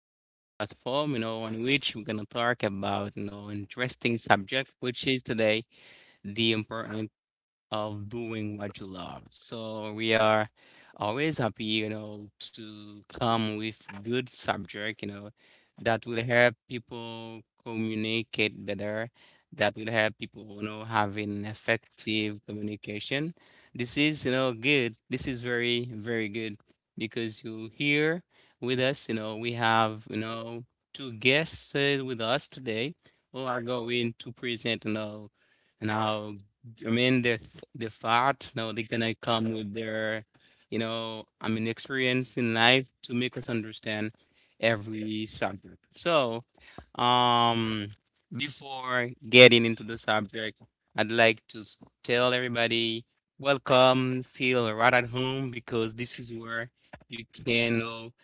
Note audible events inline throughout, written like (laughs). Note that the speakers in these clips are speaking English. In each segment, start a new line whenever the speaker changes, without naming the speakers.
on this platform, on which we're gonna talk about, interesting subject, which is today the important of doing what you love. So we are always happy, to come with good subject, that will help people communicate better, that will help people, having effective communication. This is, good. This is very, very good because you here with us, we have, two guests with us today who are going to present, now I mean, the th the thought, no, they're gonna come with their, I mean, experience in life to make us understand every subject. So, um, before getting into the subject, I'd like to tell everybody, welcome, feel right at home because this is where you can,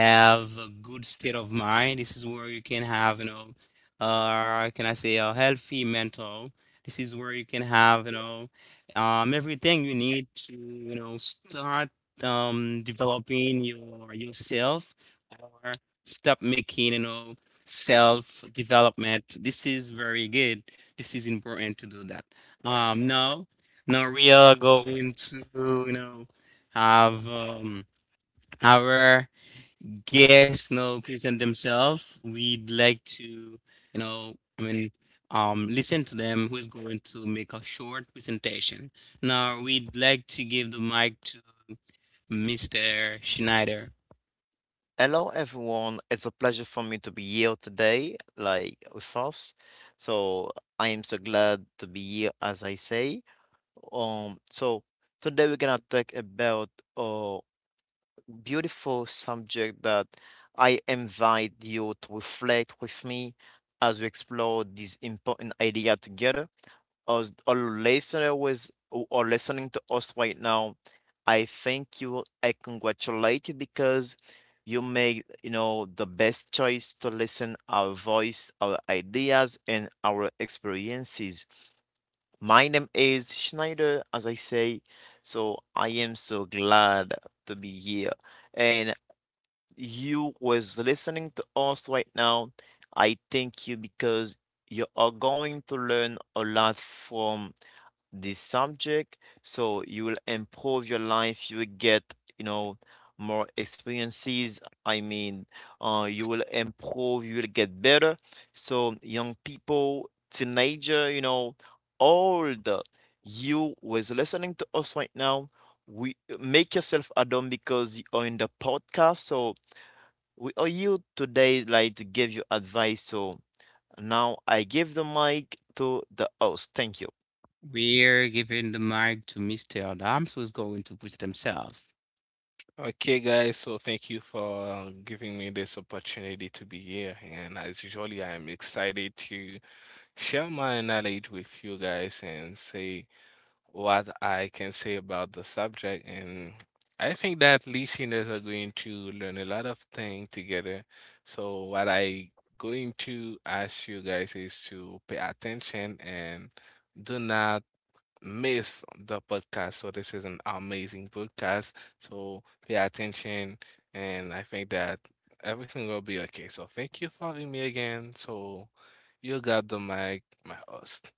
have a good state of mind. This is where you can have, can I say a healthy mental. This is where you can have, everything you need to, start developing your yourself or stop making, self-development. This is very good. This is important to do that. Um, now, now we are going to, you know, have our guests, present themselves. We'd like to, I mean, listen to them who's going to make a short presentation. Now, we'd like to give the mic to Mr. Schneider.
Hello, everyone. It's a pleasure for me to be here today, like with us. So I am so glad to be here, as I say. So today we're gonna talk about a beautiful subject that I invite you to reflect with me as we explore this important idea together. Us or listener was or listening to us right now, I thank you, I congratulate you because you made, the best choice to listen our voice, our ideas, and our experiences. My name is Schneider, as I say, so I am so glad to be here. And you was listening to us right now. I thank you because you are going to learn a lot from this subject, so you will improve your life, you will get, you know more experiences. I mean, you will improve, you will get better. So young people, teenager, old, you who is listening to us right now, we make yourself at home because you are in the podcast. So we are here today like to give you advice. So now I give the mic to the host. Thank you.
We're giving the mic to Mr. Adams, who's going to present himself.
Okay, guys, so thank you for giving me this opportunity to be here. And as usually, I'm excited to share my knowledge with you guys and say what I can say about the subject. And I think that listeners are going to learn a lot of things together. So what I going to ask you guys is to pay attention and do not miss the podcast. So this is an amazing podcast. So pay attention, and I think that everything will be okay. So thank you for having me again. So you got the mic, my host.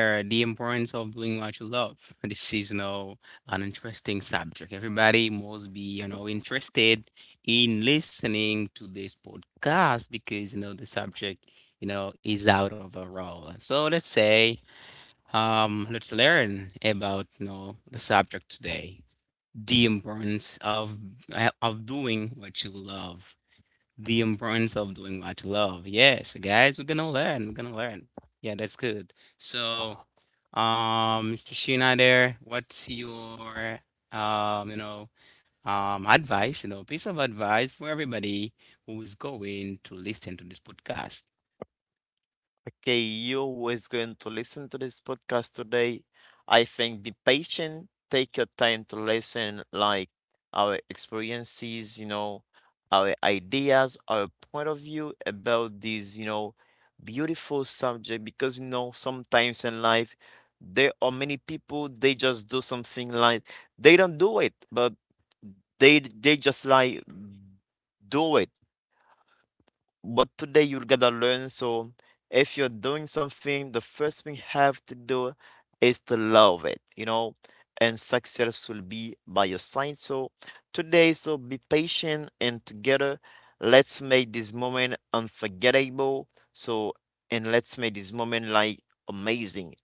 Yeah, the importance of doing what you love. (laughs) This is, an interesting subject. Everybody must be, interested in listening to this podcast because, the subject, is out of the role. So let's say, let's learn about, the subject today. The importance of doing what you love. The importance of doing what you love. Yes, guys, we're gonna learn. We're gonna learn. Yeah, that's good. So, Mr. Sheena there, what's your um, you know, advice, piece of advice for everybody who is going to listen to this podcast?
Okay, you is going to listen to this podcast today. I think be patient, take your time to listen, like our experiences, our ideas, our point of view about this, beautiful subject. Because you know sometimes in life there are many people, they just do something like they don't do it, but they just like do it. But today you're gonna learn. So if you're doing something, the first thing you have to do is to love it, you know, and success will be by your side. So today, so be patient, and together, let's make this moment unforgettable. So and let's make this moment like amazing.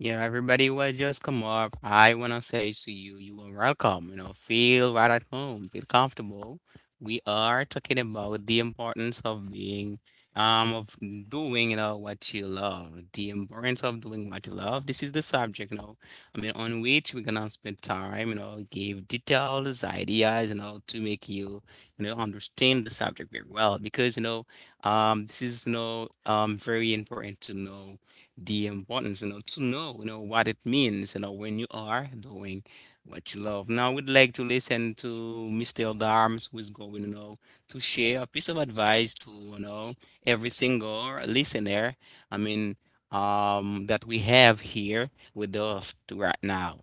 Yeah, everybody will just come up. I wanna say to you, you are welcome. You know, feel right at home, feel comfortable. We are talking about the importance of being, of doing, what you love. The importance of doing what you love. This is the subject, I mean, on which we're gonna spend time, give details, ideas, to make you, understand the subject very well. Because, this is, very important to know the importance, to know, what it means, when you are doing what you love. Now, we'd like to listen to Mr. Darms, who is going, to share a piece of advice to, every single listener. I mean, that we have here with us to right now.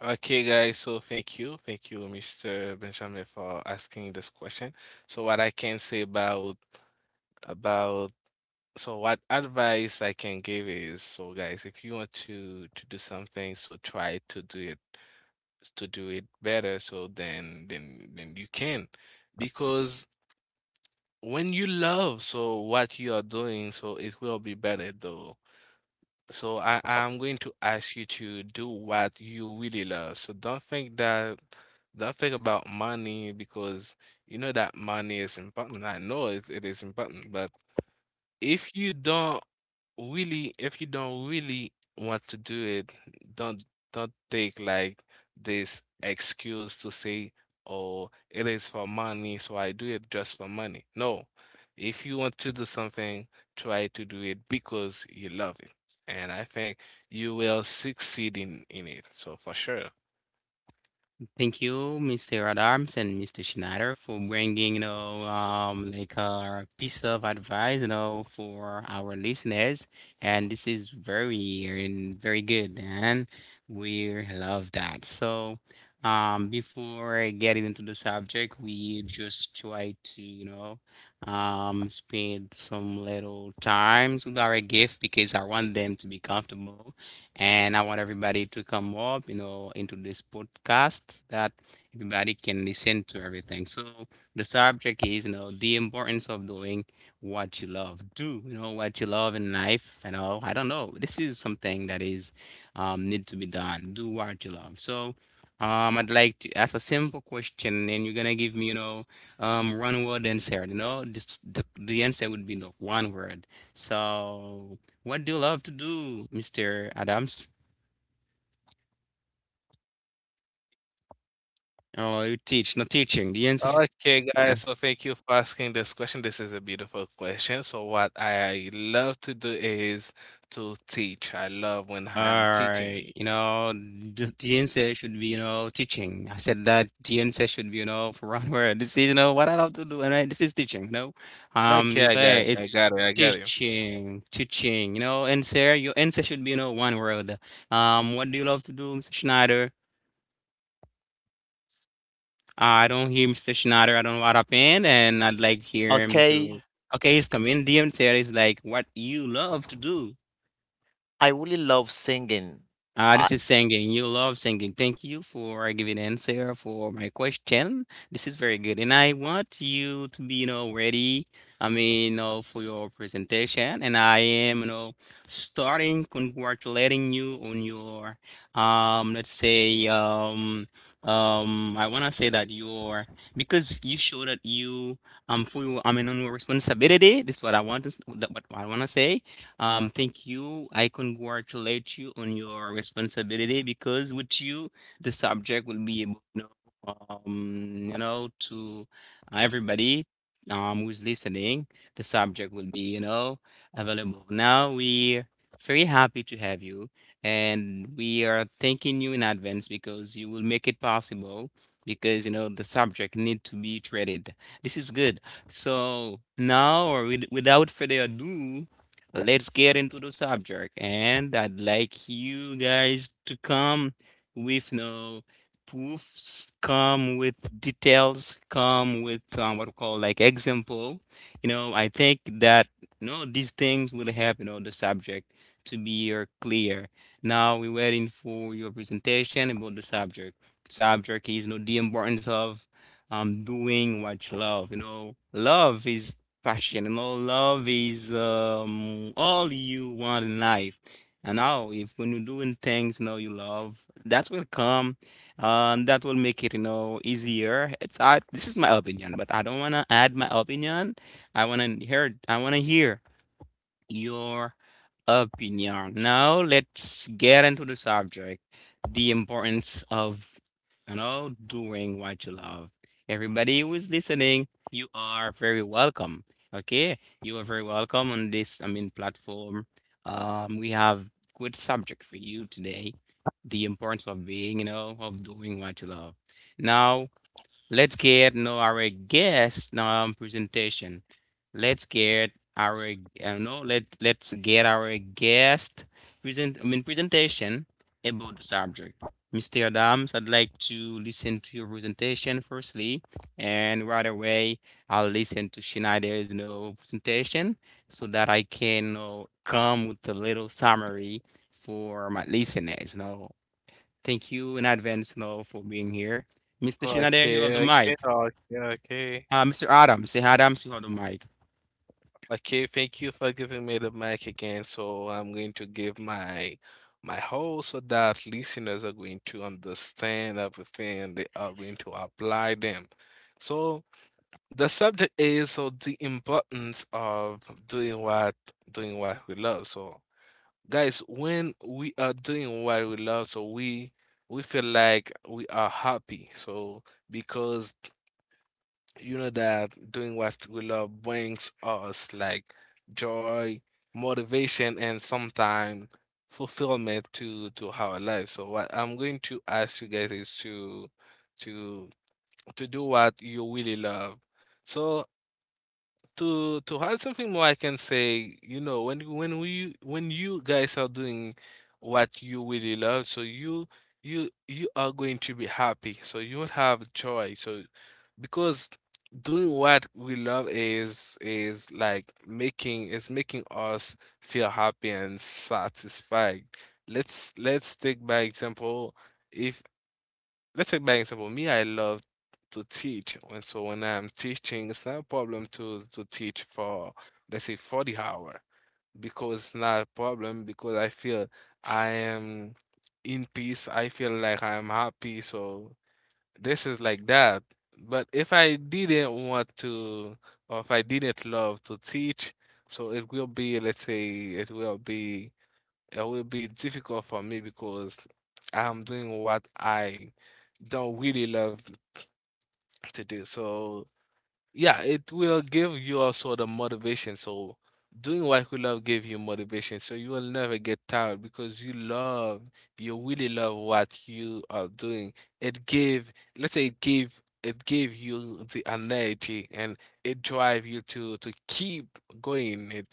Okay, guys. So thank you, Mr. Benjamin, for asking this question. So what I can say about, so what advice I can give is, so guys, if you want to do something, so try to do it better, so then you can, because when you love so what you are doing, so it will be better though. So I'm going to ask you to do what you really love. So don't think about money, because you know that money is important. I know it is important, but if you don't really want to do it, don't don't take like this excuse to say, oh, it is for money, so I do it just for money. No. If you want to do something, try to do it because you love it. And I think you will succeed in it, so for sure.
Thank you, Mr. Adams and Mr. Schneider, for bringing, like a piece of advice, for our listeners. And this is very, and very good, and we love that. So, before getting into the subject, we just try to, spend some little times with our gift because I want them to be comfortable and I want everybody to come up, into this podcast that everybody can listen to everything. So the subject is, the importance of doing what you love. Do, what you love in life. I don't know. This is something that is need to be done. Do what you love. So I'd like to ask a simple question, and you're gonna give me, one word answer. You know, this, the answer would be the one word. So what do you love to do, Mr. Adams? Oh, you teach, not teaching. The answer should.
Okay, guys, so thank you for asking this question. This is a beautiful question. So, what I love to do is to teach. I love when
All
I'm teaching.
right, the answer should be, teaching. I said that the answer should be, for one word. This is, what I love to do, and I, this is teaching, you know.
Okay,
You okay,
I
it's
got it, I got it
teaching, teaching, answer, your answer should be, one word. What do you love to do, Mr. Schneider? I don't hear Mr. Schneider. I don't know what happened, and I'd like hear him
Okay,
to. Okay, he's coming. DM series like what you love to do.
I really love singing. I,
This is singing. You love singing. Thank you for giving answer for my question. This is very good, and I want you to be, ready. I mean, for your presentation, and I am, starting congratulating you on your, um, let's say, um, I wanna say that your because you show that you, for your, I mean, on your responsibility. This is what I want to, that what I wanna say thank you. I congratulate you on your responsibility because with you, the subject will be able to know, to everybody who's listening. The subject will be, available. Now we're very happy to have you, and we are thanking you in advance because you will make it possible. Because you know the subject need to be treated. This is good. So now, or with, without further ado, let's get into the subject. And I'd like you guys to come with no proofs, come with details, come with what we call like example. You know, I think that you know these things will help you know the subject to be clear. Now we're waiting for your presentation about the subject. Subject is you know the importance of doing what you love. You know, love is passion and all. Love is all you want in life. And now, if when you're doing things you know you love, that will come, that will make it you know easier. It's I, this is my opinion, but I don't wanna add my opinion. I wanna hear. I wanna hear your opinion. Now let's get into the subject, the importance of you know doing what you love. Everybody who is listening, you are very welcome. Okay, you are very welcome on this. I mean platform. We have good subject for you today. The importance of being, of doing what you love. Now let's get now our guest no, presentation. Let's get our no let's get our guest present I mean presentation about the subject. Mr. Adams, I'd like to listen to your presentation firstly, and right away I'll listen to Schneider's you know, presentation so that I can you know, come with a little summary for my listeners. You know. Thank you in advance you know, for being here. Mr. Schneider, you have the
Okay, okay,
mic.
okay, okay.
Mr. Adam, say hi to Mike.
Okay, thank you for giving me the mic again. So, I'm going to give my whole so that listeners are going to understand everything. They are going to apply them. So, the subject is, so, the importance of doing what doing what we love. So guys, when we are doing what we love, so we feel like we are happy. So because you know that doing what we love brings us like joy, motivation, and sometimes fulfillment to our life. So what I'm going to ask you guys is to to do what you really love. So to add something more, I can say, you know, when you guys are doing what you really love, so you are going to be happy. So you will have joy. So because doing what we love is making us feel happy and satisfied. Let's take by example, if Let's take by example. Me, I love to teach, and so when I'm teaching, it's not a problem to teach for, let's say, 40 hour, because it's not a problem because I feel I am in peace. I feel like I am happy. So this is like that. But if I didn't want to, or if I didn't love to teach, so it will be, let's say, it will be difficult for me, because I'm doing what I don't really love to do. So yeah, it will give you also the motivation. So doing what you love give you motivation. So you will never get tired, because you really love what you are doing. It gave, it gave you the energy, and it drive you to keep going. it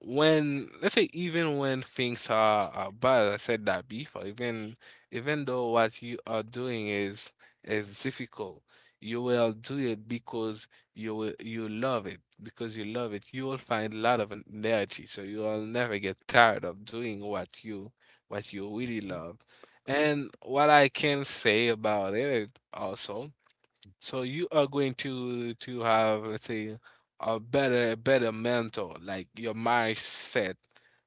when let's say even when things are bad, I said that before. Even though what you are doing is difficult, you will do it, because you love it. You will find a lot of energy, so you will never get tired of doing what you really love. And what I can say about it also, so you are going to have, let's say, a better mentor, like your mindset.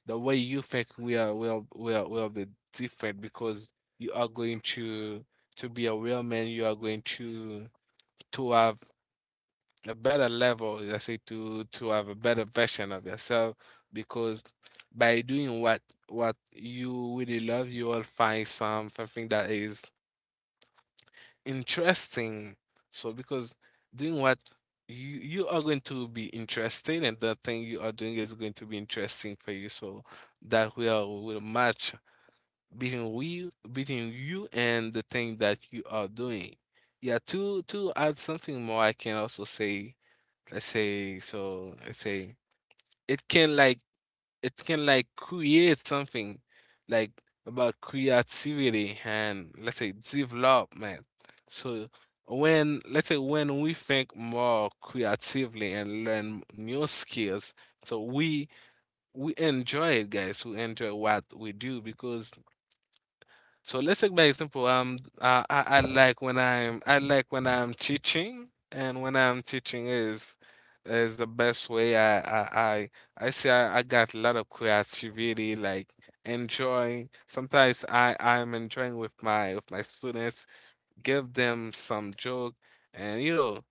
The way you think will be different, because you are going to be a real man. You are going to have a better level, let's say, to have a better version of yourself, because by doing what you really love, you will find something that is interesting. So because doing what you are going to be interested, and the thing you are doing is going to be interesting for you. So that will match between you and the thing that you are doing. Yeah, to add something more, I can also say. I say so I say it can like it can like create something, like, about creativity and, let's say, development. So when, let's say, when we think more creatively and learn new skills, so we enjoy it, guys. We enjoy what we do, because so let's take by example. I like when I'm I like when I'm teaching, and when I'm teaching is the best way. I got a lot of creativity, like enjoying. Sometimes I'm enjoying with my students, give them some joke, and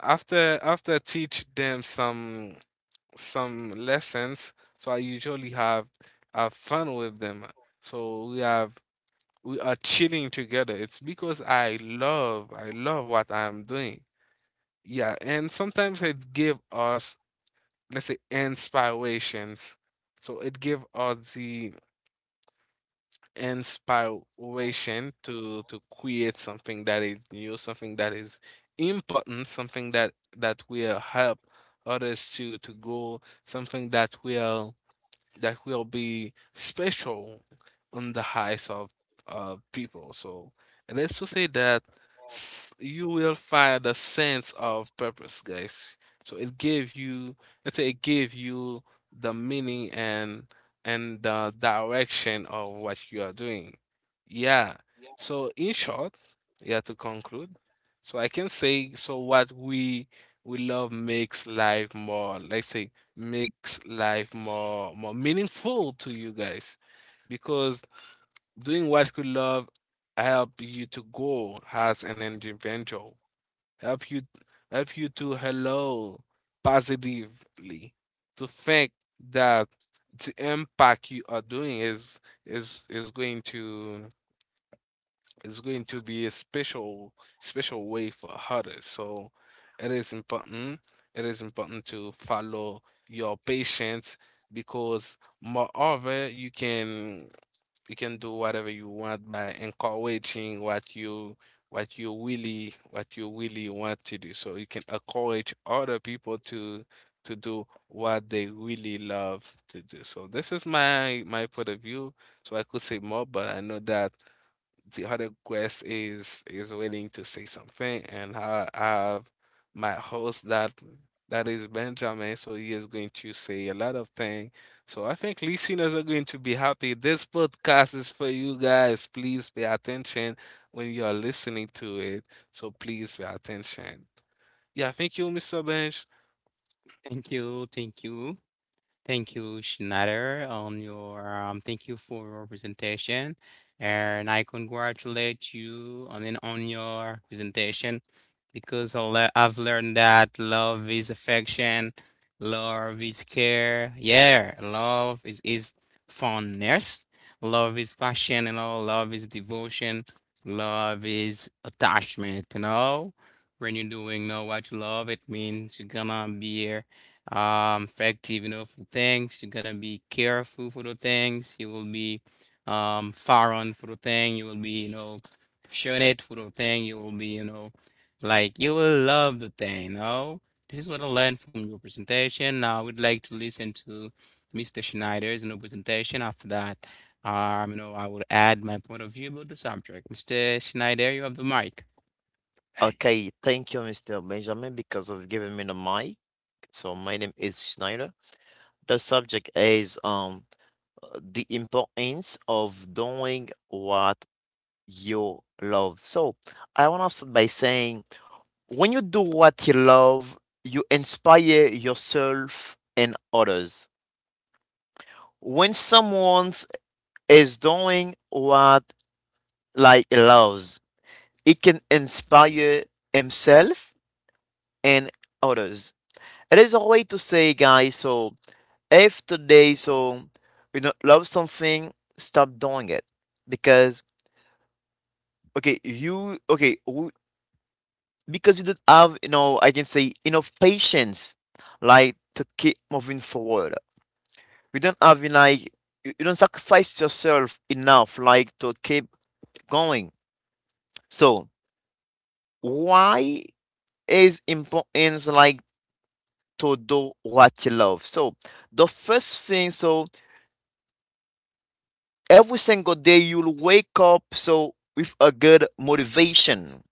after teach them some lessons. So I usually have fun with them. So we are chilling together. It's because I love what I'm doing. Yeah, and sometimes it give us, let's say, inspirations. So it give us the inspiration to create something that is new, something that is important, something that will help others to go, something that will be special on the eyes of people. So, and let's to say that you will find a sense of purpose, guys. So it gave you, let's say, it gave you the meaning and the direction of what you are doing. Yeah. So in short, yeah, to conclude, so I can say, so what we love makes life more, let's say, makes life more meaningful to you guys, because doing what you love help you to grow as an individual, help you help you to hello positively, to think that the impact you are doing is going to it's going to be a special way for others. So it is important. It is important to follow your patients, because moreover you can do whatever you want by encouraging what you really want to do. So you can encourage other people to do what they really love to do. So this is my point of view. So I could say more, but I know that the other guest is willing to say something, and I have my host that is Benjamin, so he is going to say a lot of things. So I think listeners are going to be happy. This podcast is for you guys. Please pay attention when you are listening to it. So please pay attention. Yeah, thank you, Mr. Bench.
Thank you, thank you. Thank you, Schneider, on your thank you for your presentation, and I congratulate you on on your presentation because I've learned that love is affection, love is care, yeah, love is fondness, love is passion, love is devotion, love is attachment, When you're doing know what you love, it means you're gonna be effective you know for things, you're gonna be careful for the things you will be far on, for the thing you will be you know passionate, for the thing you will be you know like you will love the thing you know. This is what I learned from your presentation. Now I would like to listen to Mr. Schneider's you know presentation. After that you know, I would add my point of view about the subject. Mr. Schneider, you have the mic.
okay, thank you, Mr. Benjamin, because of giving me the mic. So my name is Schneider. The subject is the importance of doing what you love. So I want to start by saying, when you do what you love, you inspire yourself and others. When someone is doing what like he loves, it can inspire himself and others. It is a way to say, guys, so if today, so you don't love something, stop doing it. Because okay you okay w- because you don't have, you know, I can say enough patience like to keep moving forward. You don't have in like you don't sacrifice yourself enough like to keep going. So why is importance like to do what you love? So the first thing, so every single day you'll wake up so with a good motivation.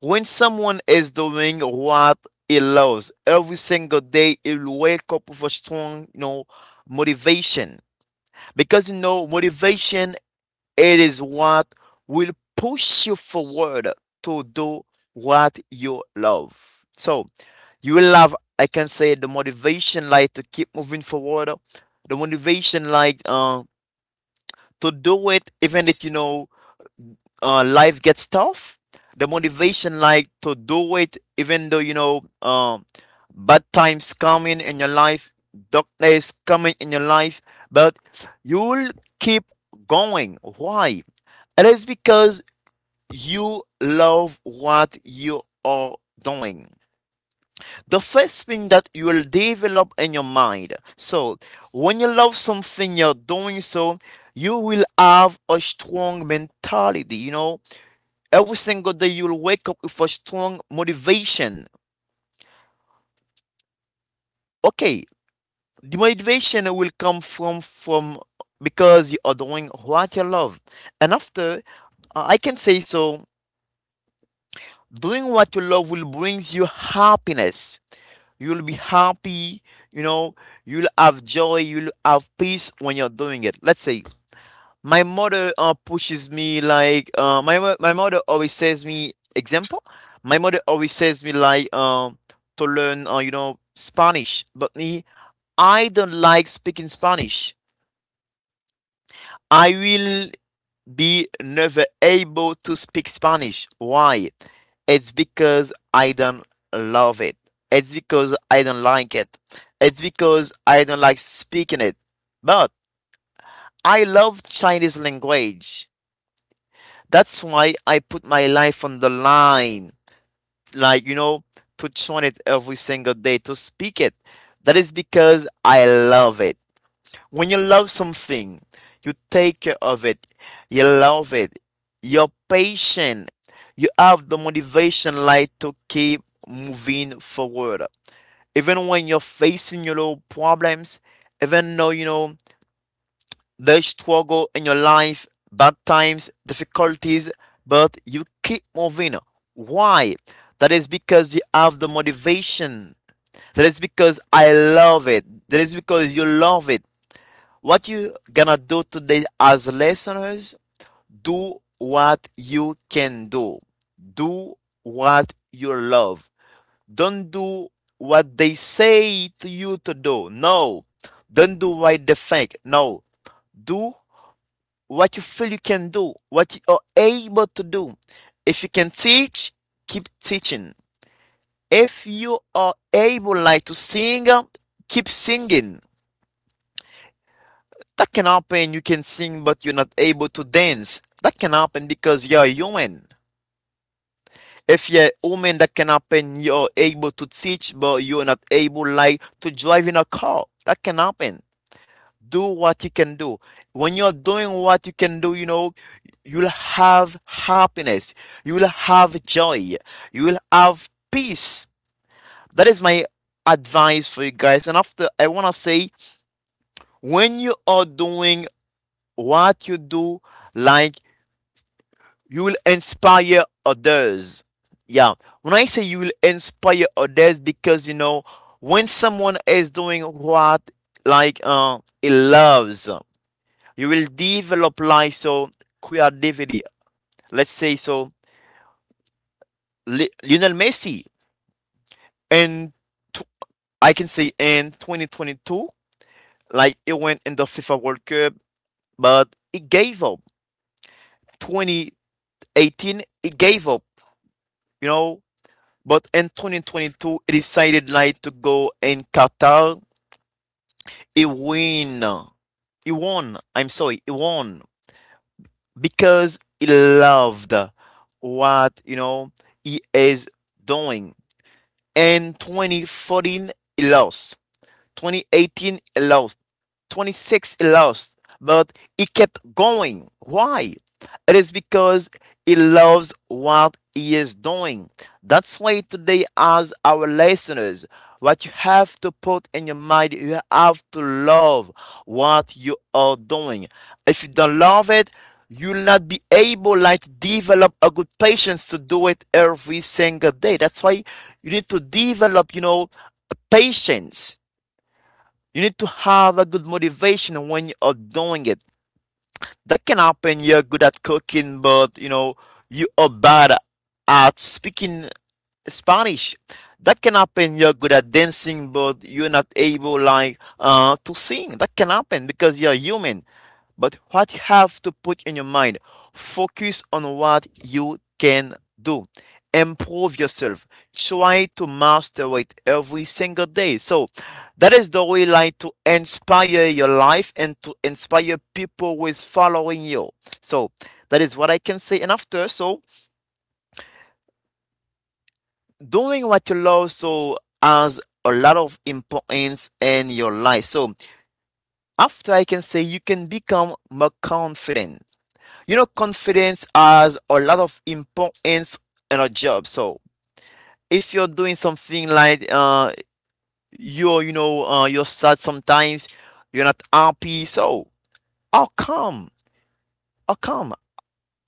When someone is doing what he loves, every single day he'll wake up with a strong, you know, motivation. Because you know, motivation, it is what will push you forward to do what you love. So you will have, I can say, the motivation like to keep moving forward, the motivation like to do it, even if you know life gets tough, the motivation like to do it, even though you know, bad times coming in your life, dark days coming in your life, but you'll keep going. Why? It is because you love what you are doing. The first thing that you will develop in your mind. So, when you love something, you're doing so, you will have a strong mentality. You know, every single day you'll wake up with a strong motivation. Okay, the motivation will come from because you are doing what you love. And after, I can say so doing what you love will brings you happiness. You'll be happy, you know, you'll have joy, you'll have peace when you're doing it. Let's say, my mother pushes me like my mother always says me example. My mother always says me like to learn, you know, Spanish, but me, I don't like speaking Spanish. I will be never able to speak Spanish. Why? It's because I don't love it. It's because I don't like it. It's because I don't like speaking it. But I love Chinese language. That's why I put my life on the line, like, you know, to chant it every single day, to speak it. That is because I love it. When you love something, you take care of it, you love it, you're patient, you have the motivation, like, to keep moving forward. Even when you're facing your little problems, even though, you know, the struggle in your life, bad times, difficulties, but you keep moving. Why? That is because you have the motivation. That is because I love it. That is because you love it. What you gonna do today as listeners, do what you can do. Do what you love. Don't do what they say to you to do. No. Don't do what they think. No. Do what you feel you can do, what you are able to do. If you can teach, keep teaching. If you are able like to sing, keep singing. That can happen. You can sing, but you're not able to dance. That can happen because you're human. If you're a woman, that can happen. You're able to teach, but you're not able like to drive in a car. That can happen. Do what you can do. When you're doing what you can do, you know, you'll have happiness, you will have joy, you will have peace. That is my advice for you guys. And after, I want to say, when you are doing what you do, like you will inspire others. Yeah. When I say you will inspire others, because you know, when someone is doing what like he loves, you will develop like so creativity. Let's say so Lionel Messi, and I can say in 2022 like he went in the FIFA World Cup, but he gave up. 2018 he gave up, you know, but in 2022 he decided like to go in Qatar. He win. He won. I'm sorry, he won because he loved what, you know, he is doing. And 2014 lost. 2018 he lost, 26 he lost, but he kept going. Why? It is because he loves what he is doing. That's why today, as our listeners, what you have to put in your mind, you have to love what you are doing. If you don't love it, you'll not be able like to develop a good patience to do it every single day. That's why you need to develop, you know, patience. You need to have a good motivation when you are doing it. That can happen. You're good at cooking, but you know you are bad at speaking Spanish. That can happen. You're good at dancing, but you're not able like to sing. That can happen because you're human. But what you have to put in your mind, focus on what you can do. Improve yourself. Try to master it every single day. So that is the way like to inspire your life and to inspire people who is following you. So that is what I can say. And after, so doing what you love so has a lot of importance in your life. So after I can say you can become more confident. You know, confidence has a lot of importance in a job. So if you're doing something like you know you're sad sometimes, you're not happy. So how come? How come?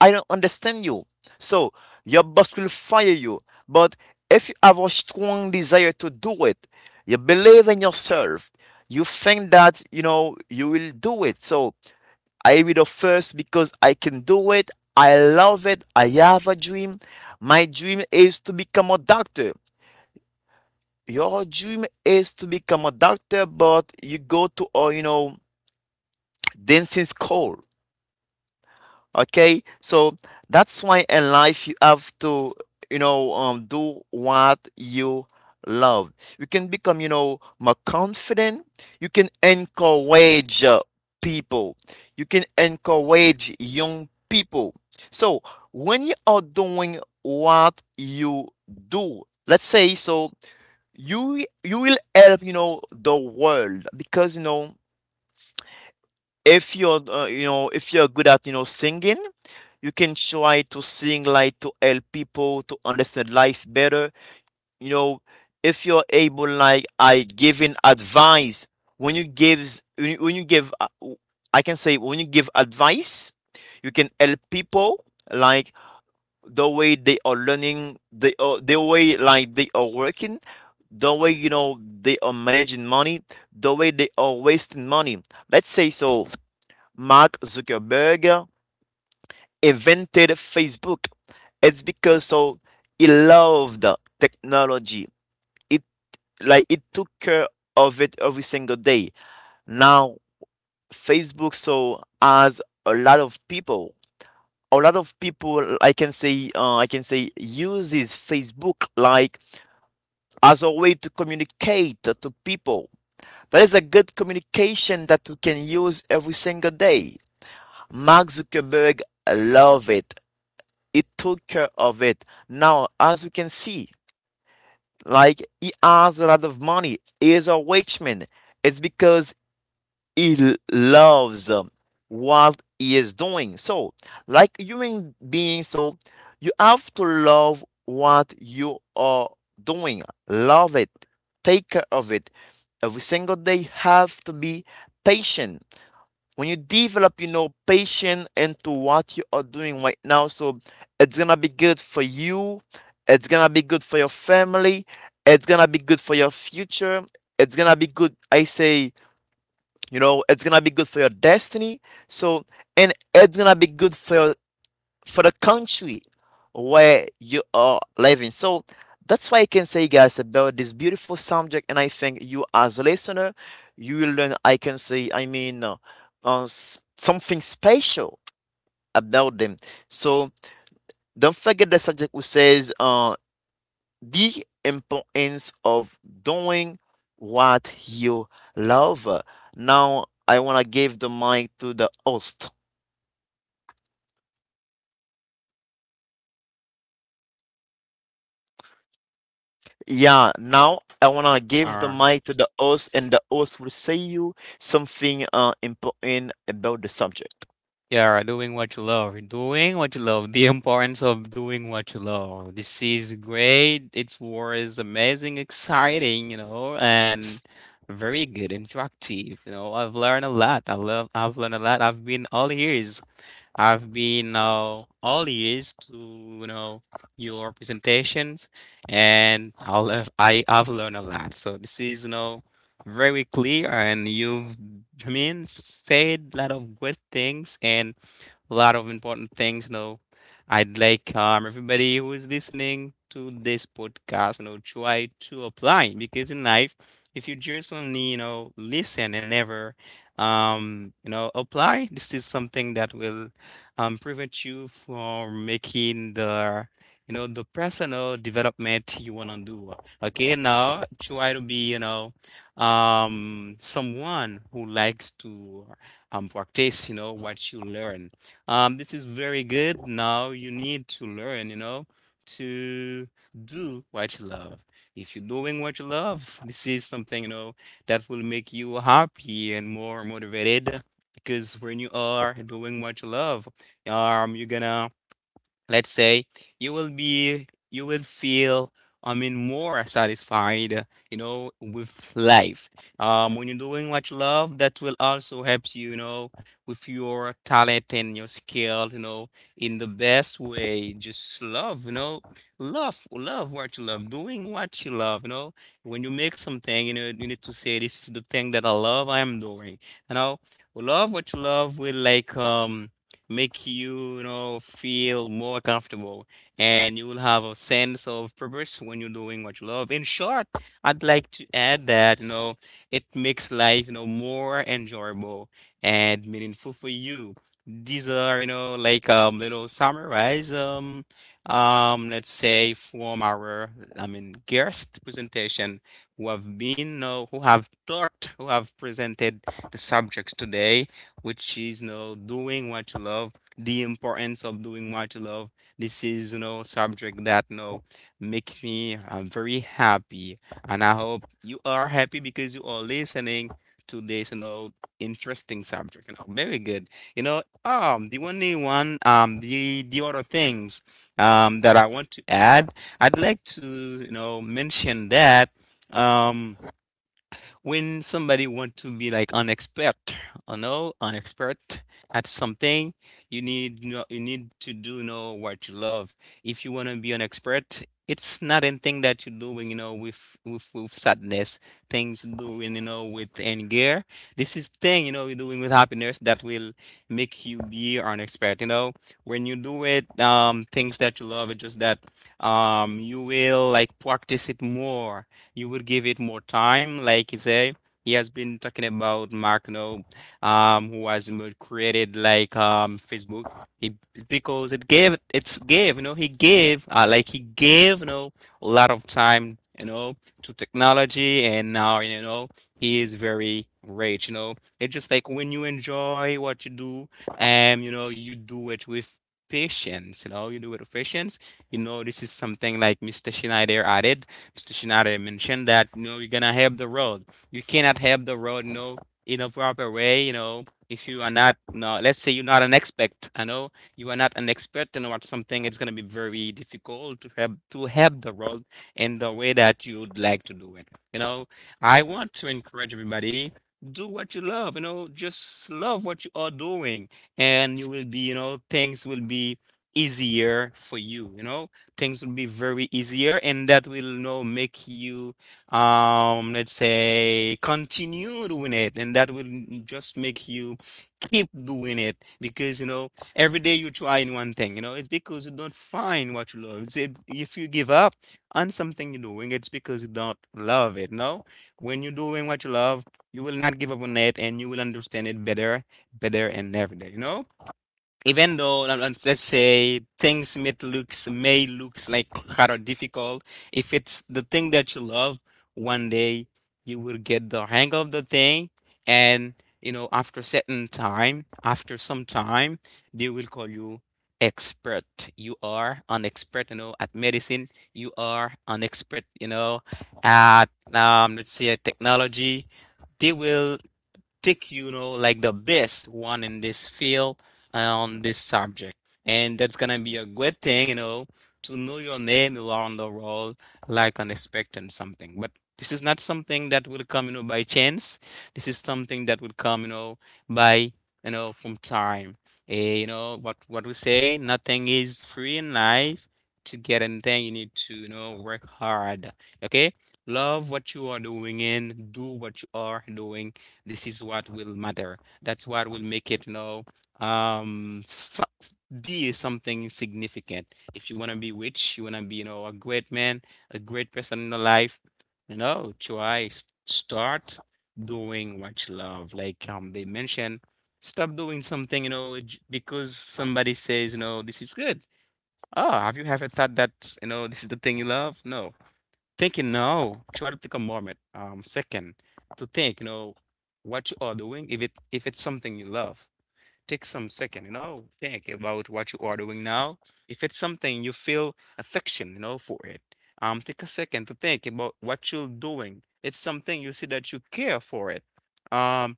I don't understand you. So your boss will fire you. But if you have a strong desire to do it, you believe in yourself, you think that you know you will do it. So I will first because I can do it. I love it. I have a dream. My dream is to become a doctor. Your dream is to become a doctor, but you go to a, you know, dancing school. Okay, so that's why in life you have to, you know, do what you love. You can become, you know, more confident. You can encourage, people. You can encourage young people. So when you are doing what you do, let's say so you will help, you know, the world. Because you know, if you're you know, if you're good at, you know, singing, you can try to sing like to help people to understand life better, you know. If you're able like I giving advice, when you give, I can say, when you give advice, you can help people like the way they are learning, the way like they are working, the way, you know, they are managing money, the way they are wasting money. Let's say so Mark Zuckerberg invented Facebook. It's because so he loved technology. It like it took care of it every single day. Now Facebook so has a lot of people. A lot of people I can say uses Facebook like as a way to communicate to people. That is a good communication that we can use every single day. Mark Zuckerberg love it. It took care of it. Now, as we can see, like he has a lot of money. He is a rich man. It's because he loves what he is doing. So, like human beings, so you have to love what you are doing. Love it. Take care of it. Every single day, have to be patient when you develop patience into what you are doing right now, so it's gonna be good for you, it's gonna be good for your family, it's gonna be good for your future, it's gonna be good, I say, it's gonna be good for your destiny. So and it's gonna be good for your, for the country where you are living. So that's why I can say, guys, about this beautiful subject. And I think you, as a listener, you will learn. I can say, I mean, something special about them. So don't forget the subject who says the importance of doing what you love. Now I want to give the mic to the host. Yeah, now I wanna give the
Uh,
mic to the host, and the host will say you something important about the subject.
yeah, right, doing what you love. Doing what you love. The importance of doing what you love. This is great. It was amazing, exciting, and very good, interactive. You know, I've learned a lot. I love. I've learned a lot. I've been all ears. I've been all ears to you know your presentations, and I'll have, I've learned a lot. So this is you know very clear, and you've I mean said a lot of good things and a lot of important things. You know, I'd like everybody who is listening to this podcast, try to apply because in life, if you just only you know listen and never you know apply, this is something that will prevent you from making the you know the personal development you want to do. Okay, now try to be someone who likes to practice what you learn. This is very good. Now you need to learn, to do what you love. If you're doing what you love, this is something, that will make you happy and more motivated because when you are doing what you love, you're gonna let's say you will feel I mean more satisfied with life when you're doing what you love that will also help you you know with your talent and your skill in the best way. Just love, love, love what you love, doing what you love. When you make something, you need to say, "This is the thing that I love. I am doing you know Love what you love will make you, feel more comfortable, and you will have a sense of purpose when you're doing what you love. In short, I'd like to add that, it makes life, more enjoyable and meaningful for you. These are, like little summarize let's say from our I mean guest presentation who have been, who have talked, who have presented the subjects today, which is, doing what you love, the importance of doing what you love. This is, subject that, makes me very happy, and I hope you are happy because you are listening to this, interesting subject. You know, very good. You know, the only one the other things that I want to add, I'd like to mention that um when somebody want to be like an expert, you know, an expert at something, you need know, you need to do know what you love. If you want to be an expert, it's not anything that you're doing, you know, with sadness, things you're doing, you know, with anger. This is thing, you know, you're doing with happiness that will make you be an expert. You know, when you do it, things that you love. It's just that you will like practice it more, you would give it more time. Like you say, he has been talking about Mark No, who has created like Facebook. He, because it's gave you know, he gave like he gave, you know, a lot of time, you know, to technology, and now, you know, he is very rich. You know, it's just like when you enjoy what you do and you know you do it with patience, you know, you do it with patience. You know, this is something like Mr. Schneider added, Mr. stationary mentioned that, you know, you're gonna help the road. You cannot help the road, you know, in a proper way, you know, if you are not, no, let's say you're not an expert, I know you are not an expert in what something, it's gonna be very difficult to help the road in the way that you would like to do it. You know, I want to encourage everybody. Do what you love, you know, just love what you are doing, and you will be, you know, things will be easier for you, you know, things will be very easier, and that will you know make you let's say continue doing it, and that will just make you keep doing it because you know every day you're trying one thing, you know, it's because you don't find what you love. It's if, you give up on something you're doing, it's because you don't love it, no. When you're doing what you love, you will not give up on it, and you will understand it better and every day, you know, even though let's say things may looks like kind of difficult, if it's the thing that you love, one day you will get the hang of the thing, and you know after certain time, after some time, they will call you expert. You are an expert, you know, at medicine. You are an expert, you know, at let's say technology. They will stick, you know, like the best one in this field on this subject. And that's gonna be a good thing, you know, to know your name around the world, like an expectant something. But this is not something that will come, you know, by chance. This is something that will come, you know, by you know, from time. You know, what we say, nothing is free in life. To get anything, you need to, you know, work hard. Okay? Love what you are doing and do what you are doing, this is what will matter. That's what will make it, you know, um, so, be something significant. If you want to be rich, you want to be, you know, a great man, a great person in your life, you know, try, start doing what you love. Like they mentioned, stop doing something, you know, because somebody says, you know, this is good. Oh, have you ever thought that, you know, this is the thing you love? No thinking now, try to take a moment, second to think, you know, what you are doing. If it if it's something you love, take some second, you know, think about what you are doing now. If it's something you feel affection, you know, for it, take a second to think about what you're doing. It's something you see that you care for it. Um,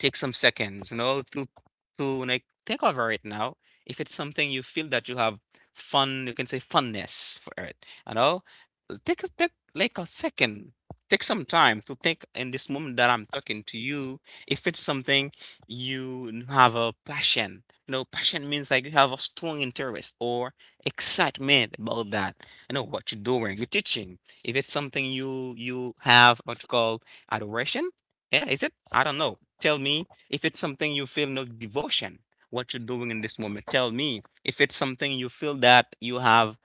Take some seconds, you know, to like think over it now. If it's something you feel that you have fun, you can say funness for it. You know, take a, take like a second, take some time to think in this moment that I'm talking to you. If it's something you have a passion, you know, passion means like you have a strong interest or excitement about that. You know what you're doing, you're teaching. If it's something you have what you call adoration, yeah, is it? I don't know. Tell me if it's something you feel no devotion, what you're doing in this moment. Tell me if it's something you feel that you have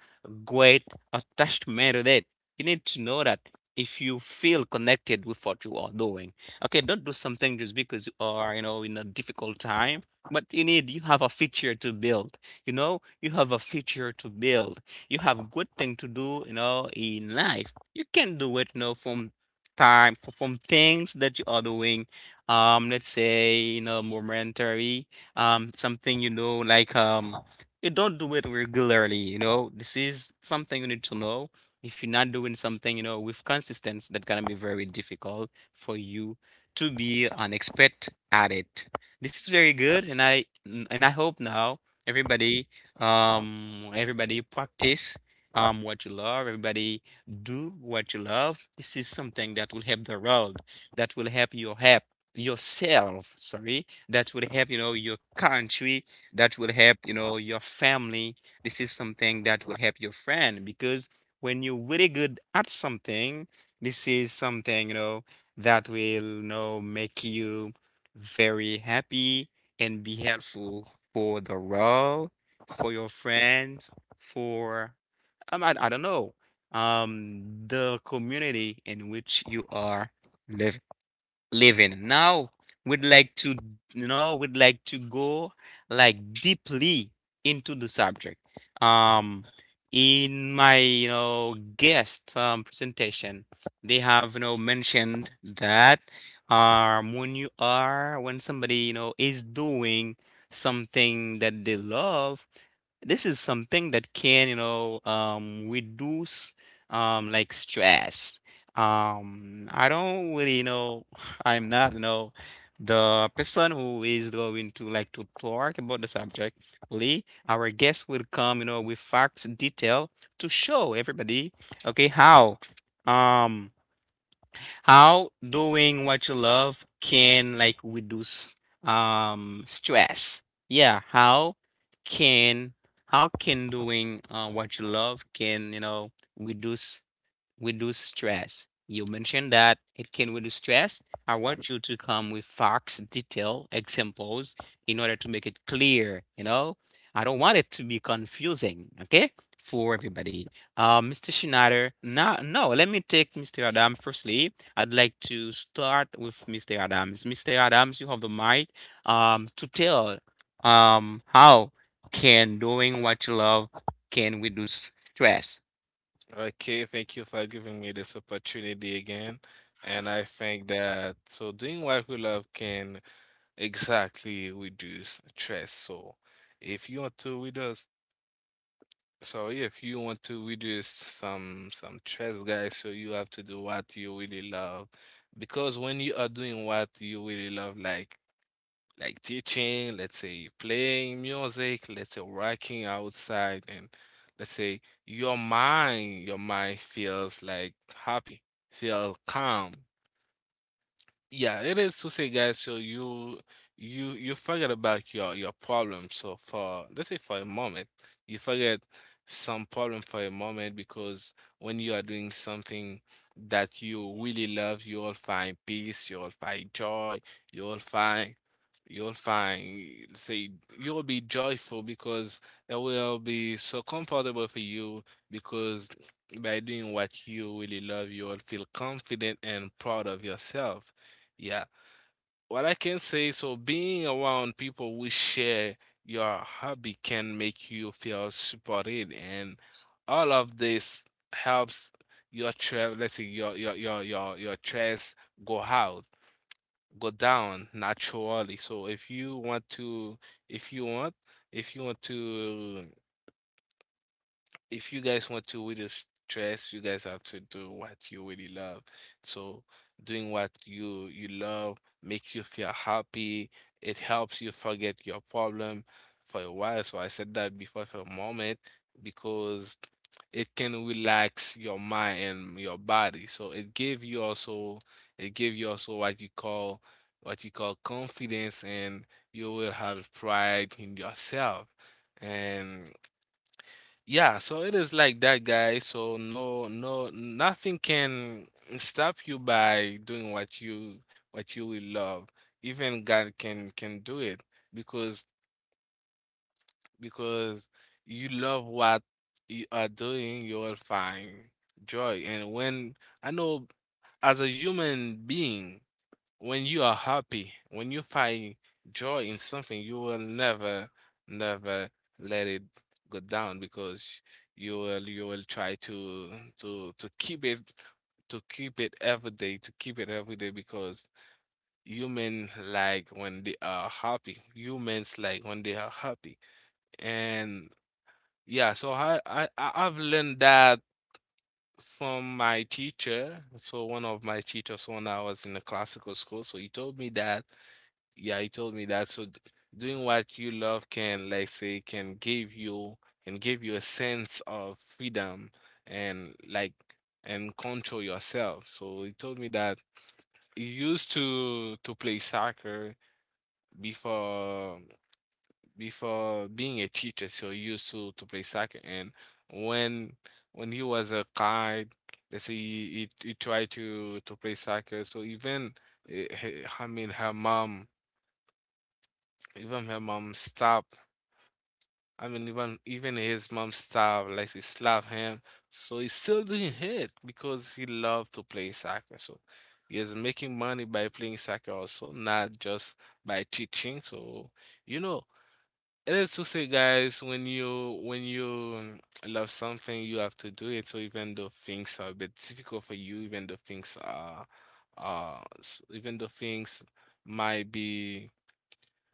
great attachment with it. You need to know that if you feel connected with what you are doing. Okay, don't do something just because you are, you know, in a difficult time. But you need, you have a future to build. You know, you have a future to build. You have good thing to do, you know, in life. You can do it, you know, from time from things that you are doing let's say you know momentary something you know like you don't do it regularly, you know, this is something you need to know. If you're not doing something, you know, with consistency, that's gonna be very difficult for you to be an expert at it. This is very good, and and I hope now everybody everybody practice what you love, everybody do what you love. This is something that will help the world, that will help your help yourself, sorry, that will help, you know, your country, that will help, you know, your family. This is something that will help your friend because when you're really good at something, this is something, you know, that will, you know, make you very happy and be helpful for the world, for your friends, for I don't know. The community in which you are living living. Now we'd like to, you know, we'd like to go like deeply into the subject. Um, in my, you know, guest presentation, they have, you know, mentioned that when you are, when somebody, you know, is doing something that they love, this is something that can, you know, reduce like stress. I don't really know, I'm not, you know, the person who is going to like to talk about the subject. Lee, our guest will come, you know, with facts, detail to show everybody, okay, um, how doing what you love can like reduce stress. Yeah, can how can doing what you love can you know reduce stress. You mentioned that it can reduce stress. I want you to come with facts, detail, examples in order to make it clear, you know? I don't want it to be confusing, okay? For everybody. Mr. Schneider, no, no, let me take Mr. Adams firstly. I'd like to start with Mr. Adams. Mr. Adams, you have the mic to tell how can doing what you love can reduce stress.
Okay, thank you for giving me this opportunity again. And I think that, so, doing what we love can, exactly, reduce stress. So if you want to reduce, so if you want to reduce some stress, guys, so you have to do what you really love. Because when you are doing what you really love, like, teaching, let's say playing music, let's say working outside, and let's say your mind feels like happy, feel calm. Yeah, it is to say, guys. So you forget about your problem. So for let's say for a moment, you forget some problem for a moment, because when you are doing something that you really love, you will find peace, you will find joy, you will find you will find say you will be joyful, because it will be so comfortable for you, because by doing what you really love, you will feel confident and proud of yourself. Yeah. What I can say, so being around people who share your hobby can make you feel supported, and all of this helps your let's say your stress go out, go down naturally. So if you want to, if you want, if you want to if you guys want to reduce stress, you guys have to do what you really love. So doing what you love makes you feel happy. It helps you forget your problem for a while. So I said that before, for a moment, because it can relax your mind and your body. So it give you also what you call confidence, and you will have pride in yourself. And yeah, so it is like that, guys. So no, no, nothing can stop you by doing what you will love. Even God can do it, because because you love what you are doing, you will find joy. And when I know, as a human being, when you are happy, when you find joy in something, you will never, never let it go down, because you will try to to keep it, to keep it every day, because humans like when they are happy. And yeah, so I've learned that from my teacher. So one of my teachers, when I was in a classical school, so he told me that, yeah, he told me that. So doing what you love can, like, say, can give you and give you a sense of freedom and, like, and control yourself. So he told me that he used to play soccer before being a teacher. So he used to play soccer, and when when he was a kid, they say he tried to play soccer. So even I mean, her mom stopped. I mean, even his mom stabbed, like, she slapped him. So he's still doing it because he loved to play soccer. So he is making money by playing soccer also, not just by teaching. So you know, it is to say, guys, when you love something, you have to do it. So even though things are a bit difficult for you, even though things are, even though things might be...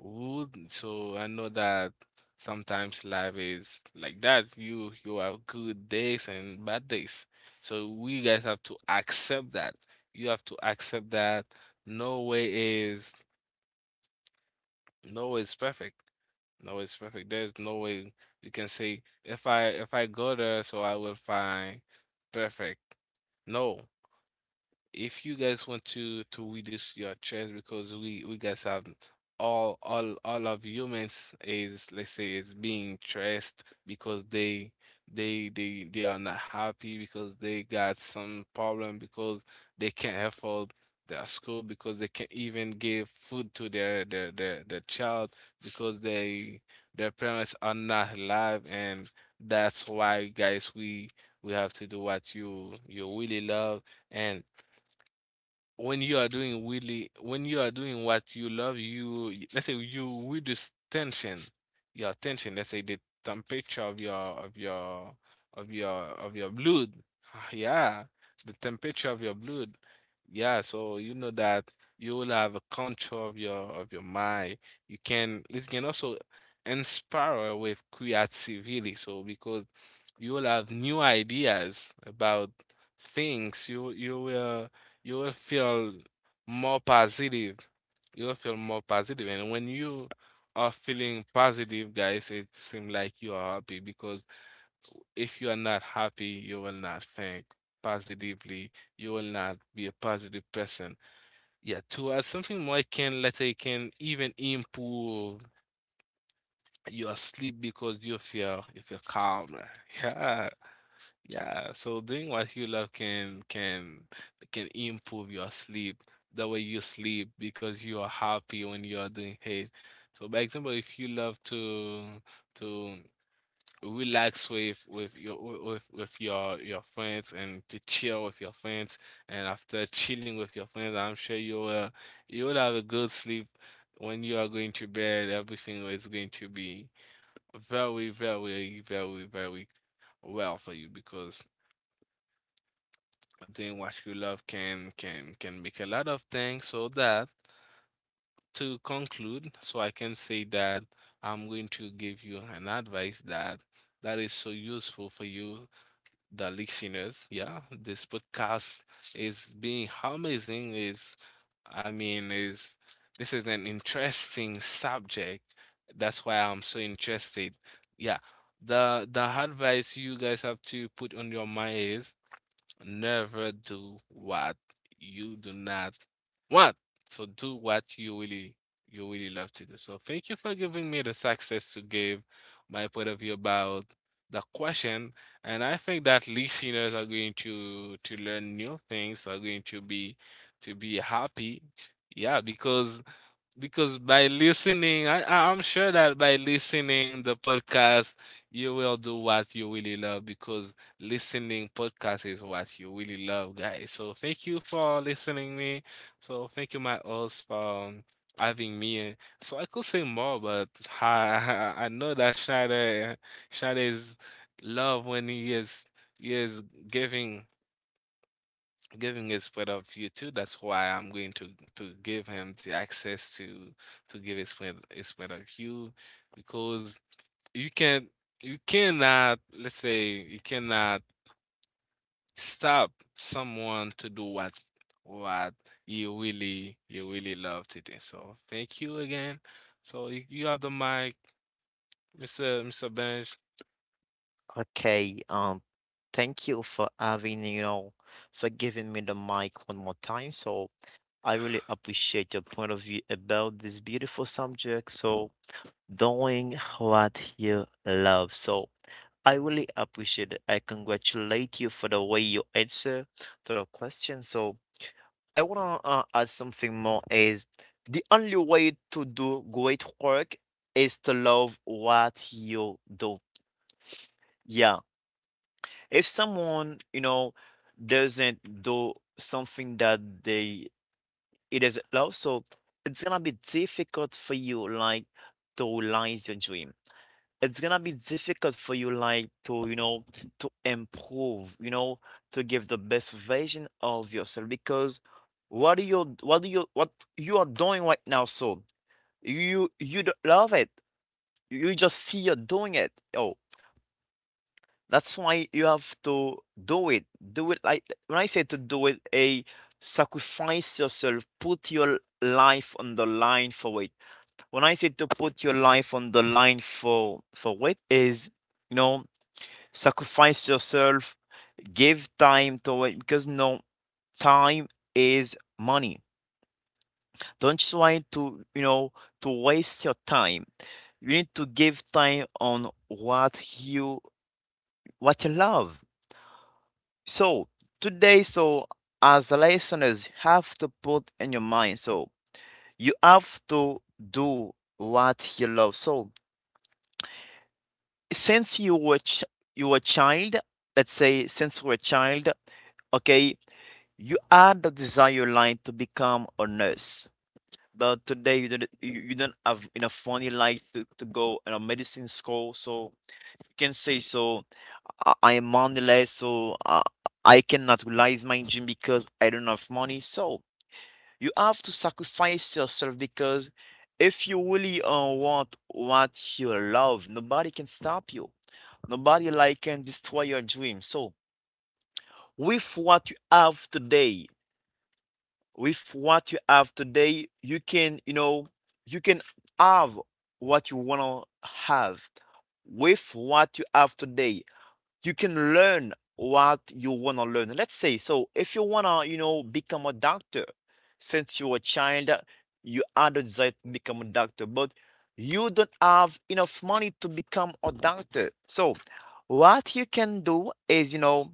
Ooh, so I know that sometimes life is like that. You have good days and bad days. So we guys have to accept that. You have to accept that no way is no way is perfect. No way is perfect. There's no way you can say, if I go there, so I will find perfect. No, if you guys want to reduce your chance, because we guys have all of humans is, let's say, is being stressed because they are not happy, because they got some problem, because they can't afford their school, because they can't even give food to their child, because they their parents are not alive. And that's why, guys, we have to do what you really love. And when you are doing, really, when you are doing what you love, let's say you, with this tension, your tension, let's say the temperature of of your your blood... (sighs) (laughs) Yeah, the temperature of your blood. Yeah, so you know that you will have a control of your mind. You can It can also inspire with creativity. So because you will have new ideas about things, you will feel more positive. You will feel more positive. And when you are feeling positive, guys, it seems like you are happy, because if you are not happy, you will not think positively. You will not be a positive person. Yeah, to add something more, I can, let's say, it can even improve your sleep because you feel calmer. (laughs) Yeah. Yeah, so doing what you love can can improve your sleep, the way you sleep, because you are happy when you are doing things. So by example, if you love to to relax with your with your friends, and to chill with your friends, and after chilling with your friends, I'm sure you will have a good sleep. When you are going to bed, everything is going to be very, very, very, very well for you, because doing what you love can can make a lot of things. So, that to conclude, so I can say that I'm going to give you an advice, that is so useful for you, the listeners. Yeah, this podcast is being amazing is, I mean, is, this is an interesting subject. That's why I'm so interested. Yeah, the advice you guys have to put on your mind is: never do what you do not want. So do what you really love to do. So thank you for giving me the success to give my point of view about the question. And I think that listeners are going to learn new things, are going to be happy. Yeah, because by listening, I'm sure that by listening the podcast, you will do what you really love, because listening podcast is what you really love, guys. So thank you for listening me. So thank you, my host, for having me. So I could say more, but I, (laughs) I know that Shada, Shada is love when he is he is giving. Giving is part of you too. That's why I'm going to give him the access to give his friend his point of you, because you can you cannot, let's say, you cannot stop someone to do what you really love to do. So thank you again. So you have the mic, Mr. Benj.
Okay, thank you for having, you know, for giving me the mic one more time. So I really appreciate your point of view about this beautiful subject. So doing what you love. So I really appreciate it. I congratulate you for the way you answer to the question. So I wanna add something more is the only way to do great work is to love what you do. Yeah. If someone, you know, doesn't do something that they it doesn't love, so it's gonna be difficult for you like to realize your dream, it's gonna be difficult for you like to, you know, to improve, you know, to give the best version of yourself, because what do you, what do you, what you are doing right now, so you don't love it, you just see you're doing it. Oh, that's why you have to do it, do it like, when I say to do it, a sacrifice yourself, put your life on the line for it. When I say to put your life on the line for it is, you know, sacrifice yourself, give time to it, because no, time is money. Don't try to, you know, to waste your time. You need to give time on what you, what you love. So today, so as the listeners have to put in your mind, so you have to do what you love. So since you were ch- you were a child, let's say since you were a child, okay, you had the desire line to become a nurse. But today you don't have enough money like to go in a medicine school, so you can say, so I am moneyless, so I cannot realize my dream because I don't have money. So you have to sacrifice yourself because if you really want what you love, nobody can stop you. Nobody like can destroy your dream. So with what you have today, with what you have today, you can, you know, you can have what you want to have. With what you have today, you can learn what you want to learn. Let's say, so if you want to, you know, become a doctor, since you were a child, you had a desire to become a doctor, but you don't have enough money to become a doctor. So, what you can do is, you know,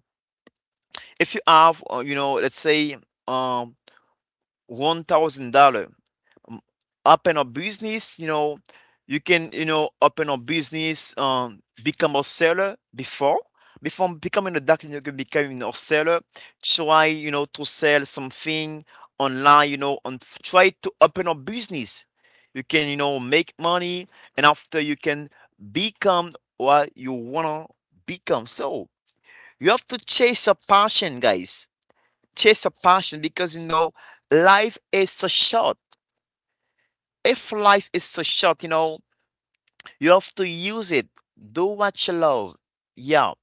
if you have, you know, let's say, um, $1,000, um, open a business, you know, you can, you know, open a business, become a seller. Before, before becoming a doctor, you can become a seller. Try, you know, to sell something online, you know, and try to open a business. You can, you know, make money, and after you can become what you wanna become. So you have to chase a passion, guys. Chase a passion, because you know life is so short. If life is so short, you know, you have to use it. Do what you love. Yeah,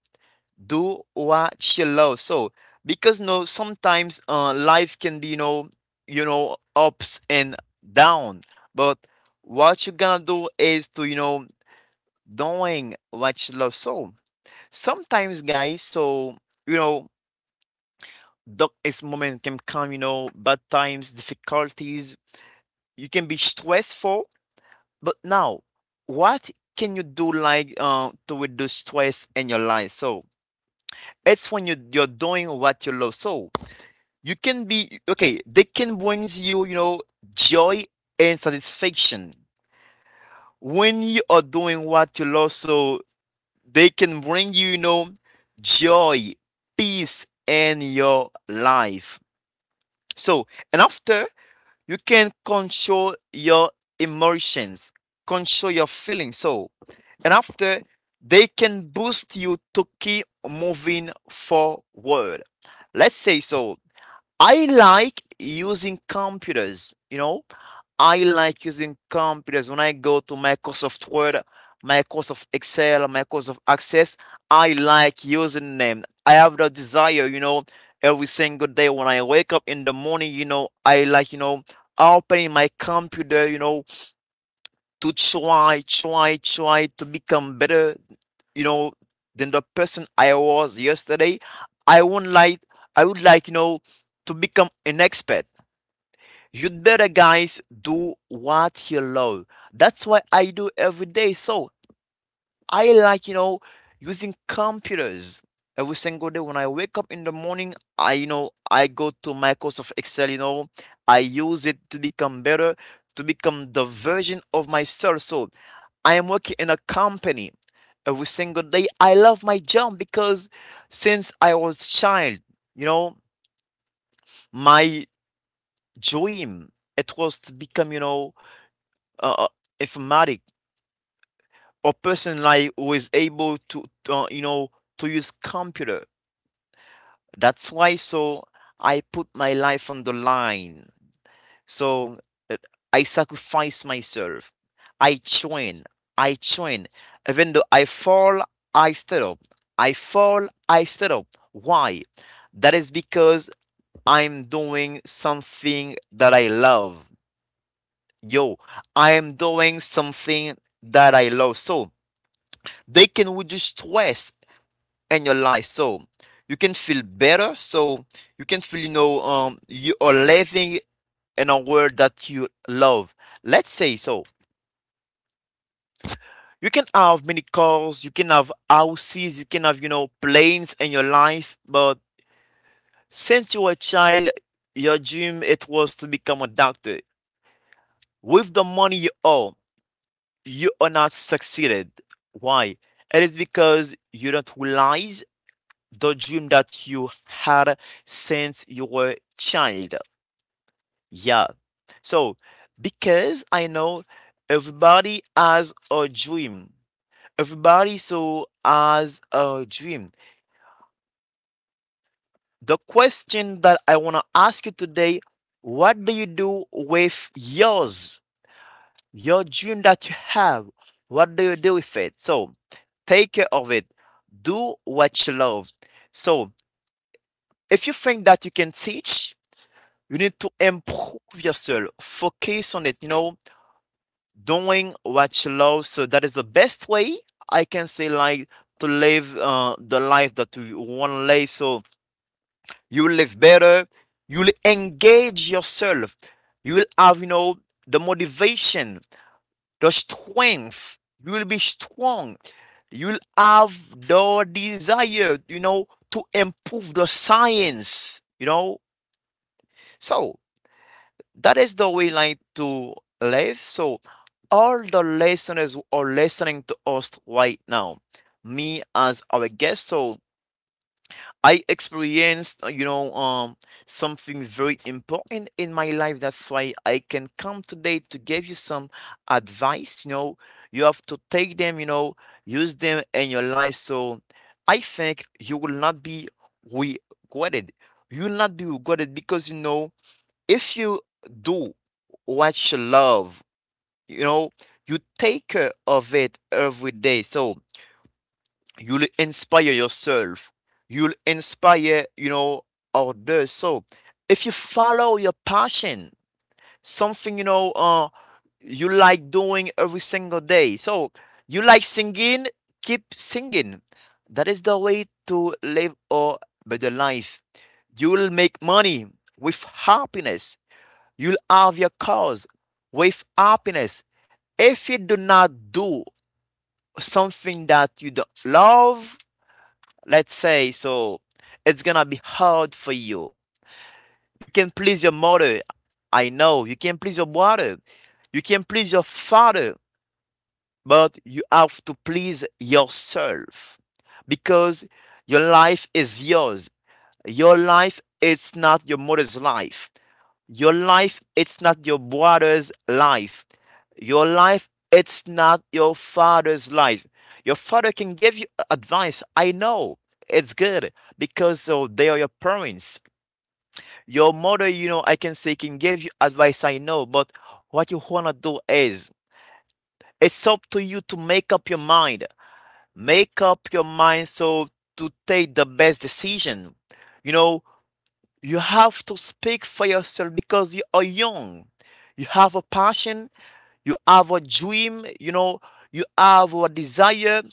do what you love. So, because no, sometimes life can be, you know, ups and down. But what you're gonna do is to, you know, doing what you love. So sometimes, guys, so you know, darkest moment can come. You know, bad times, difficulties. You can be stressful. But now, what can you do like to reduce stress in your life? So it's when you, you're doing what you love. So you can be okay. They can brings you, you know, joy and satisfaction when you are doing what you love. So they can bring you, you know, joy, peace in your life. So and after you can control your emotions, control your feelings. So and after they can boost you to keep moving forward. Let's say, so I like using computers, you know. I like using computers. When I go to Microsoft Word, Microsoft Excel, Microsoft Access, I like using them. I have the desire, you know, every single day when I wake up in the morning, you know, I like, you know, opening my computer, you know, to try to become better, you know, than the person I was yesterday. I wouldn't like, I would like, you know, to become an expert. You'd better, guys, do what you love. That's what I do every day. So I like, you know, using computers every single day. When I wake up in the morning, I, you know, I go to Microsoft Excel, you know, I use it to become better, to become the version of myself. So I am working in a company every single day. I love my job because since I was child, you know, my dream it was to become, you know, uh, uh, informatic, a person like who is able to, you know, to use computer. That's why so I put my life on the line. So, uh, I sacrifice myself. i train I train, even though I fall, I stand up, I fall, I stand up. Why? That is because I'm doing something that I love. Yo, I am doing something that I love. So they can reduce stress in your life. So you can feel better. So you can feel, you know, you are living in a world that you love. Let's say, so you can have many cars, you can have houses, you can have, you know, planes in your life, but since you were a child, your dream it was to become a doctor. With the money you owe, you are not succeeded. Why? It is because you don't realize the dream that you had since you were child. Yeah. So because I know everybody has a dream. Everybody so has a dream. The question that I want to ask you today, what do you do with yours? Your dream that you have. What do you do with it? So take care of it. Do what you love. So if you think that you can teach, you need to improve yourself. Focus on it, you know, doing what you love. So that is the best way I can say, like, to live the life that you want to live. So you will live better. You will engage yourself. You will have, you know, the motivation, the strength. You will be strong. You will have the desire, you know, to improve the science, you know. So that is the way like to live. So all the listeners who are listening to us right now, me as our guest. So I experienced, you know, something very important in my life. That's why I can come today to give you some advice. You know, you have to take them, you know, use them in your life. So I think you will not be regretted. You will not be regretted because you know if you do what you love, you know, you take care of it every day. So you'll inspire yourself. You'll inspire, you know, others. So if you follow your passion, something, you know, you like doing every single day. So you like singing, keep singing. That is the way to live a better life. You'll make money with happiness. You'll have your cause with happiness. If you do not do something that you don't love, let's say, so it's gonna be hard for you. You can please your mother, I know. You can please your brother, you can please your father, but you have to please yourself because your life is yours. Your life is not your mother's life. Your life, it's not your brother's life. Your life, it's not your father's life. Your father can give you advice. I know it's good because they are your parents. Your mother, you know, I can say can give you advice. I know, but what you wanna do is it's up to you to make up your mind. Make up your mind so to take the best decision. You know, you have to speak for yourself because you are young. You have a passion, you have a dream, you know, you have a desire.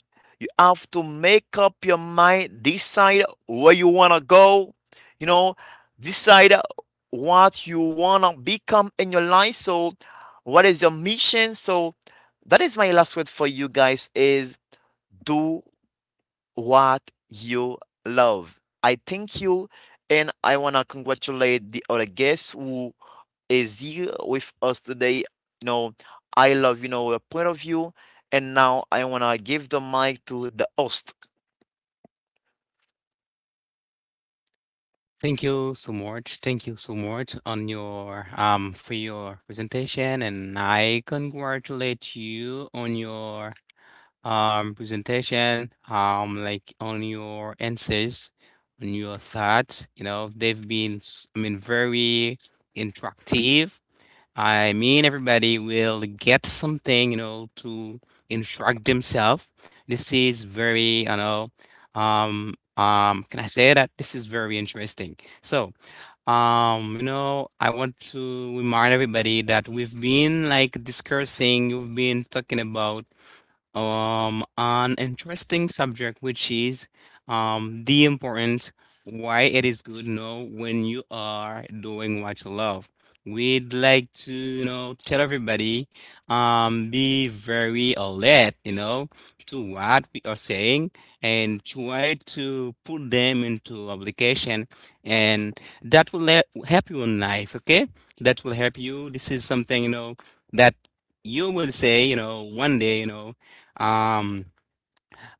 You have to make up your mind, decide where you want to go, you know, decide what you want to become in your life. So, what is your mission? So, that is my last word for you guys is do what you love. I thank you and I want to congratulate the other guest who is here with us today. You know, I love, you know, your point of view. And now I want to give the mic to the host.
Thank you so much. Thank you so much on your for your presentation, and I congratulate you on your presentation, like on your answers, on your thoughts. You know, they've been I mean very interactive. I mean, everybody will get something, to instruct themselves. This is very. Can I say that? This is very interesting. So, I want to remind everybody that we've been like discussing, you've been talking about an interesting subject which is the importance why it is good to know when you are doing what you love. We'd like to tell everybody be very alert, to what we are saying, and try to put them into application, and that will help you in life, okay? That will help you. This is something that you will say, one day, um,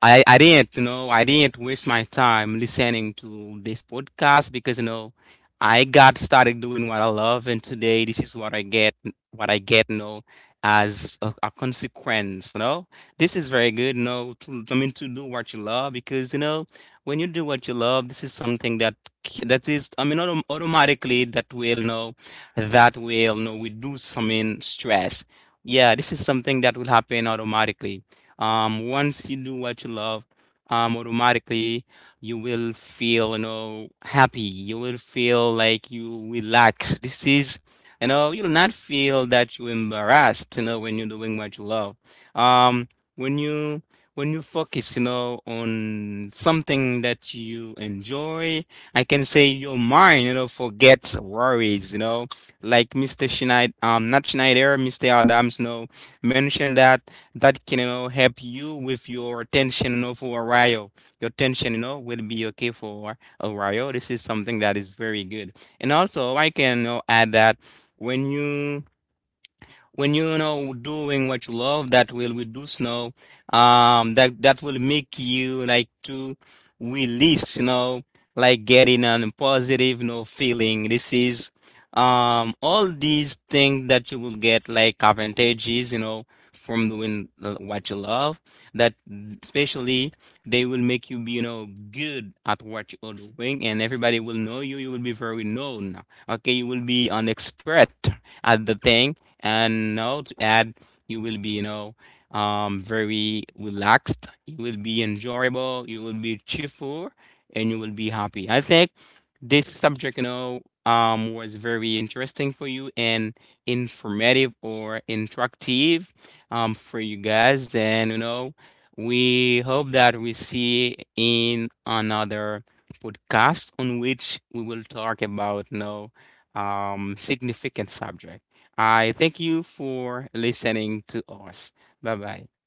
I didn't waste my time listening to this podcast because, I got started doing what I love, and today this is what I get, what I get, you know, as a consequence. This is very good, I mean, to do what you love, because when you do what you love, this is something that is, I mean, automatically that will, you know, that will, you know, reduce, I mean, stress. Yeah, this is something that will happen automatically. Once you do what you love, automatically you will feel, happy. You will feel like you relax. This is, you know, you'll not feel that you're embarrassed, when you're doing what you love. Um, when you focus, on something that you enjoy, I can say your mind, forgets worries, like Mr. Schneider, not Schneider, Mr. Adams, mentioned that can, help you with your tension, for a while. Your tension, will be okay for a while. This is something that is very good, and also I can, add that when you know doing what you love, that will reduce, that will make you like to release, like getting a positive, feeling. This is all these things that you will get like advantages, from doing what you love, that especially they will make you be, good at what you are doing, and everybody will know you. You will be very known, okay? You will be an expert at the thing. And now to add, you will be, very relaxed. You will be enjoyable, you will be cheerful, and you will be happy. I think this subject was very interesting for you, and informative or interactive, for you guys. Then we hope that we see in another podcast, on which we will talk about significant subject. I thank you for listening to us. Bye bye.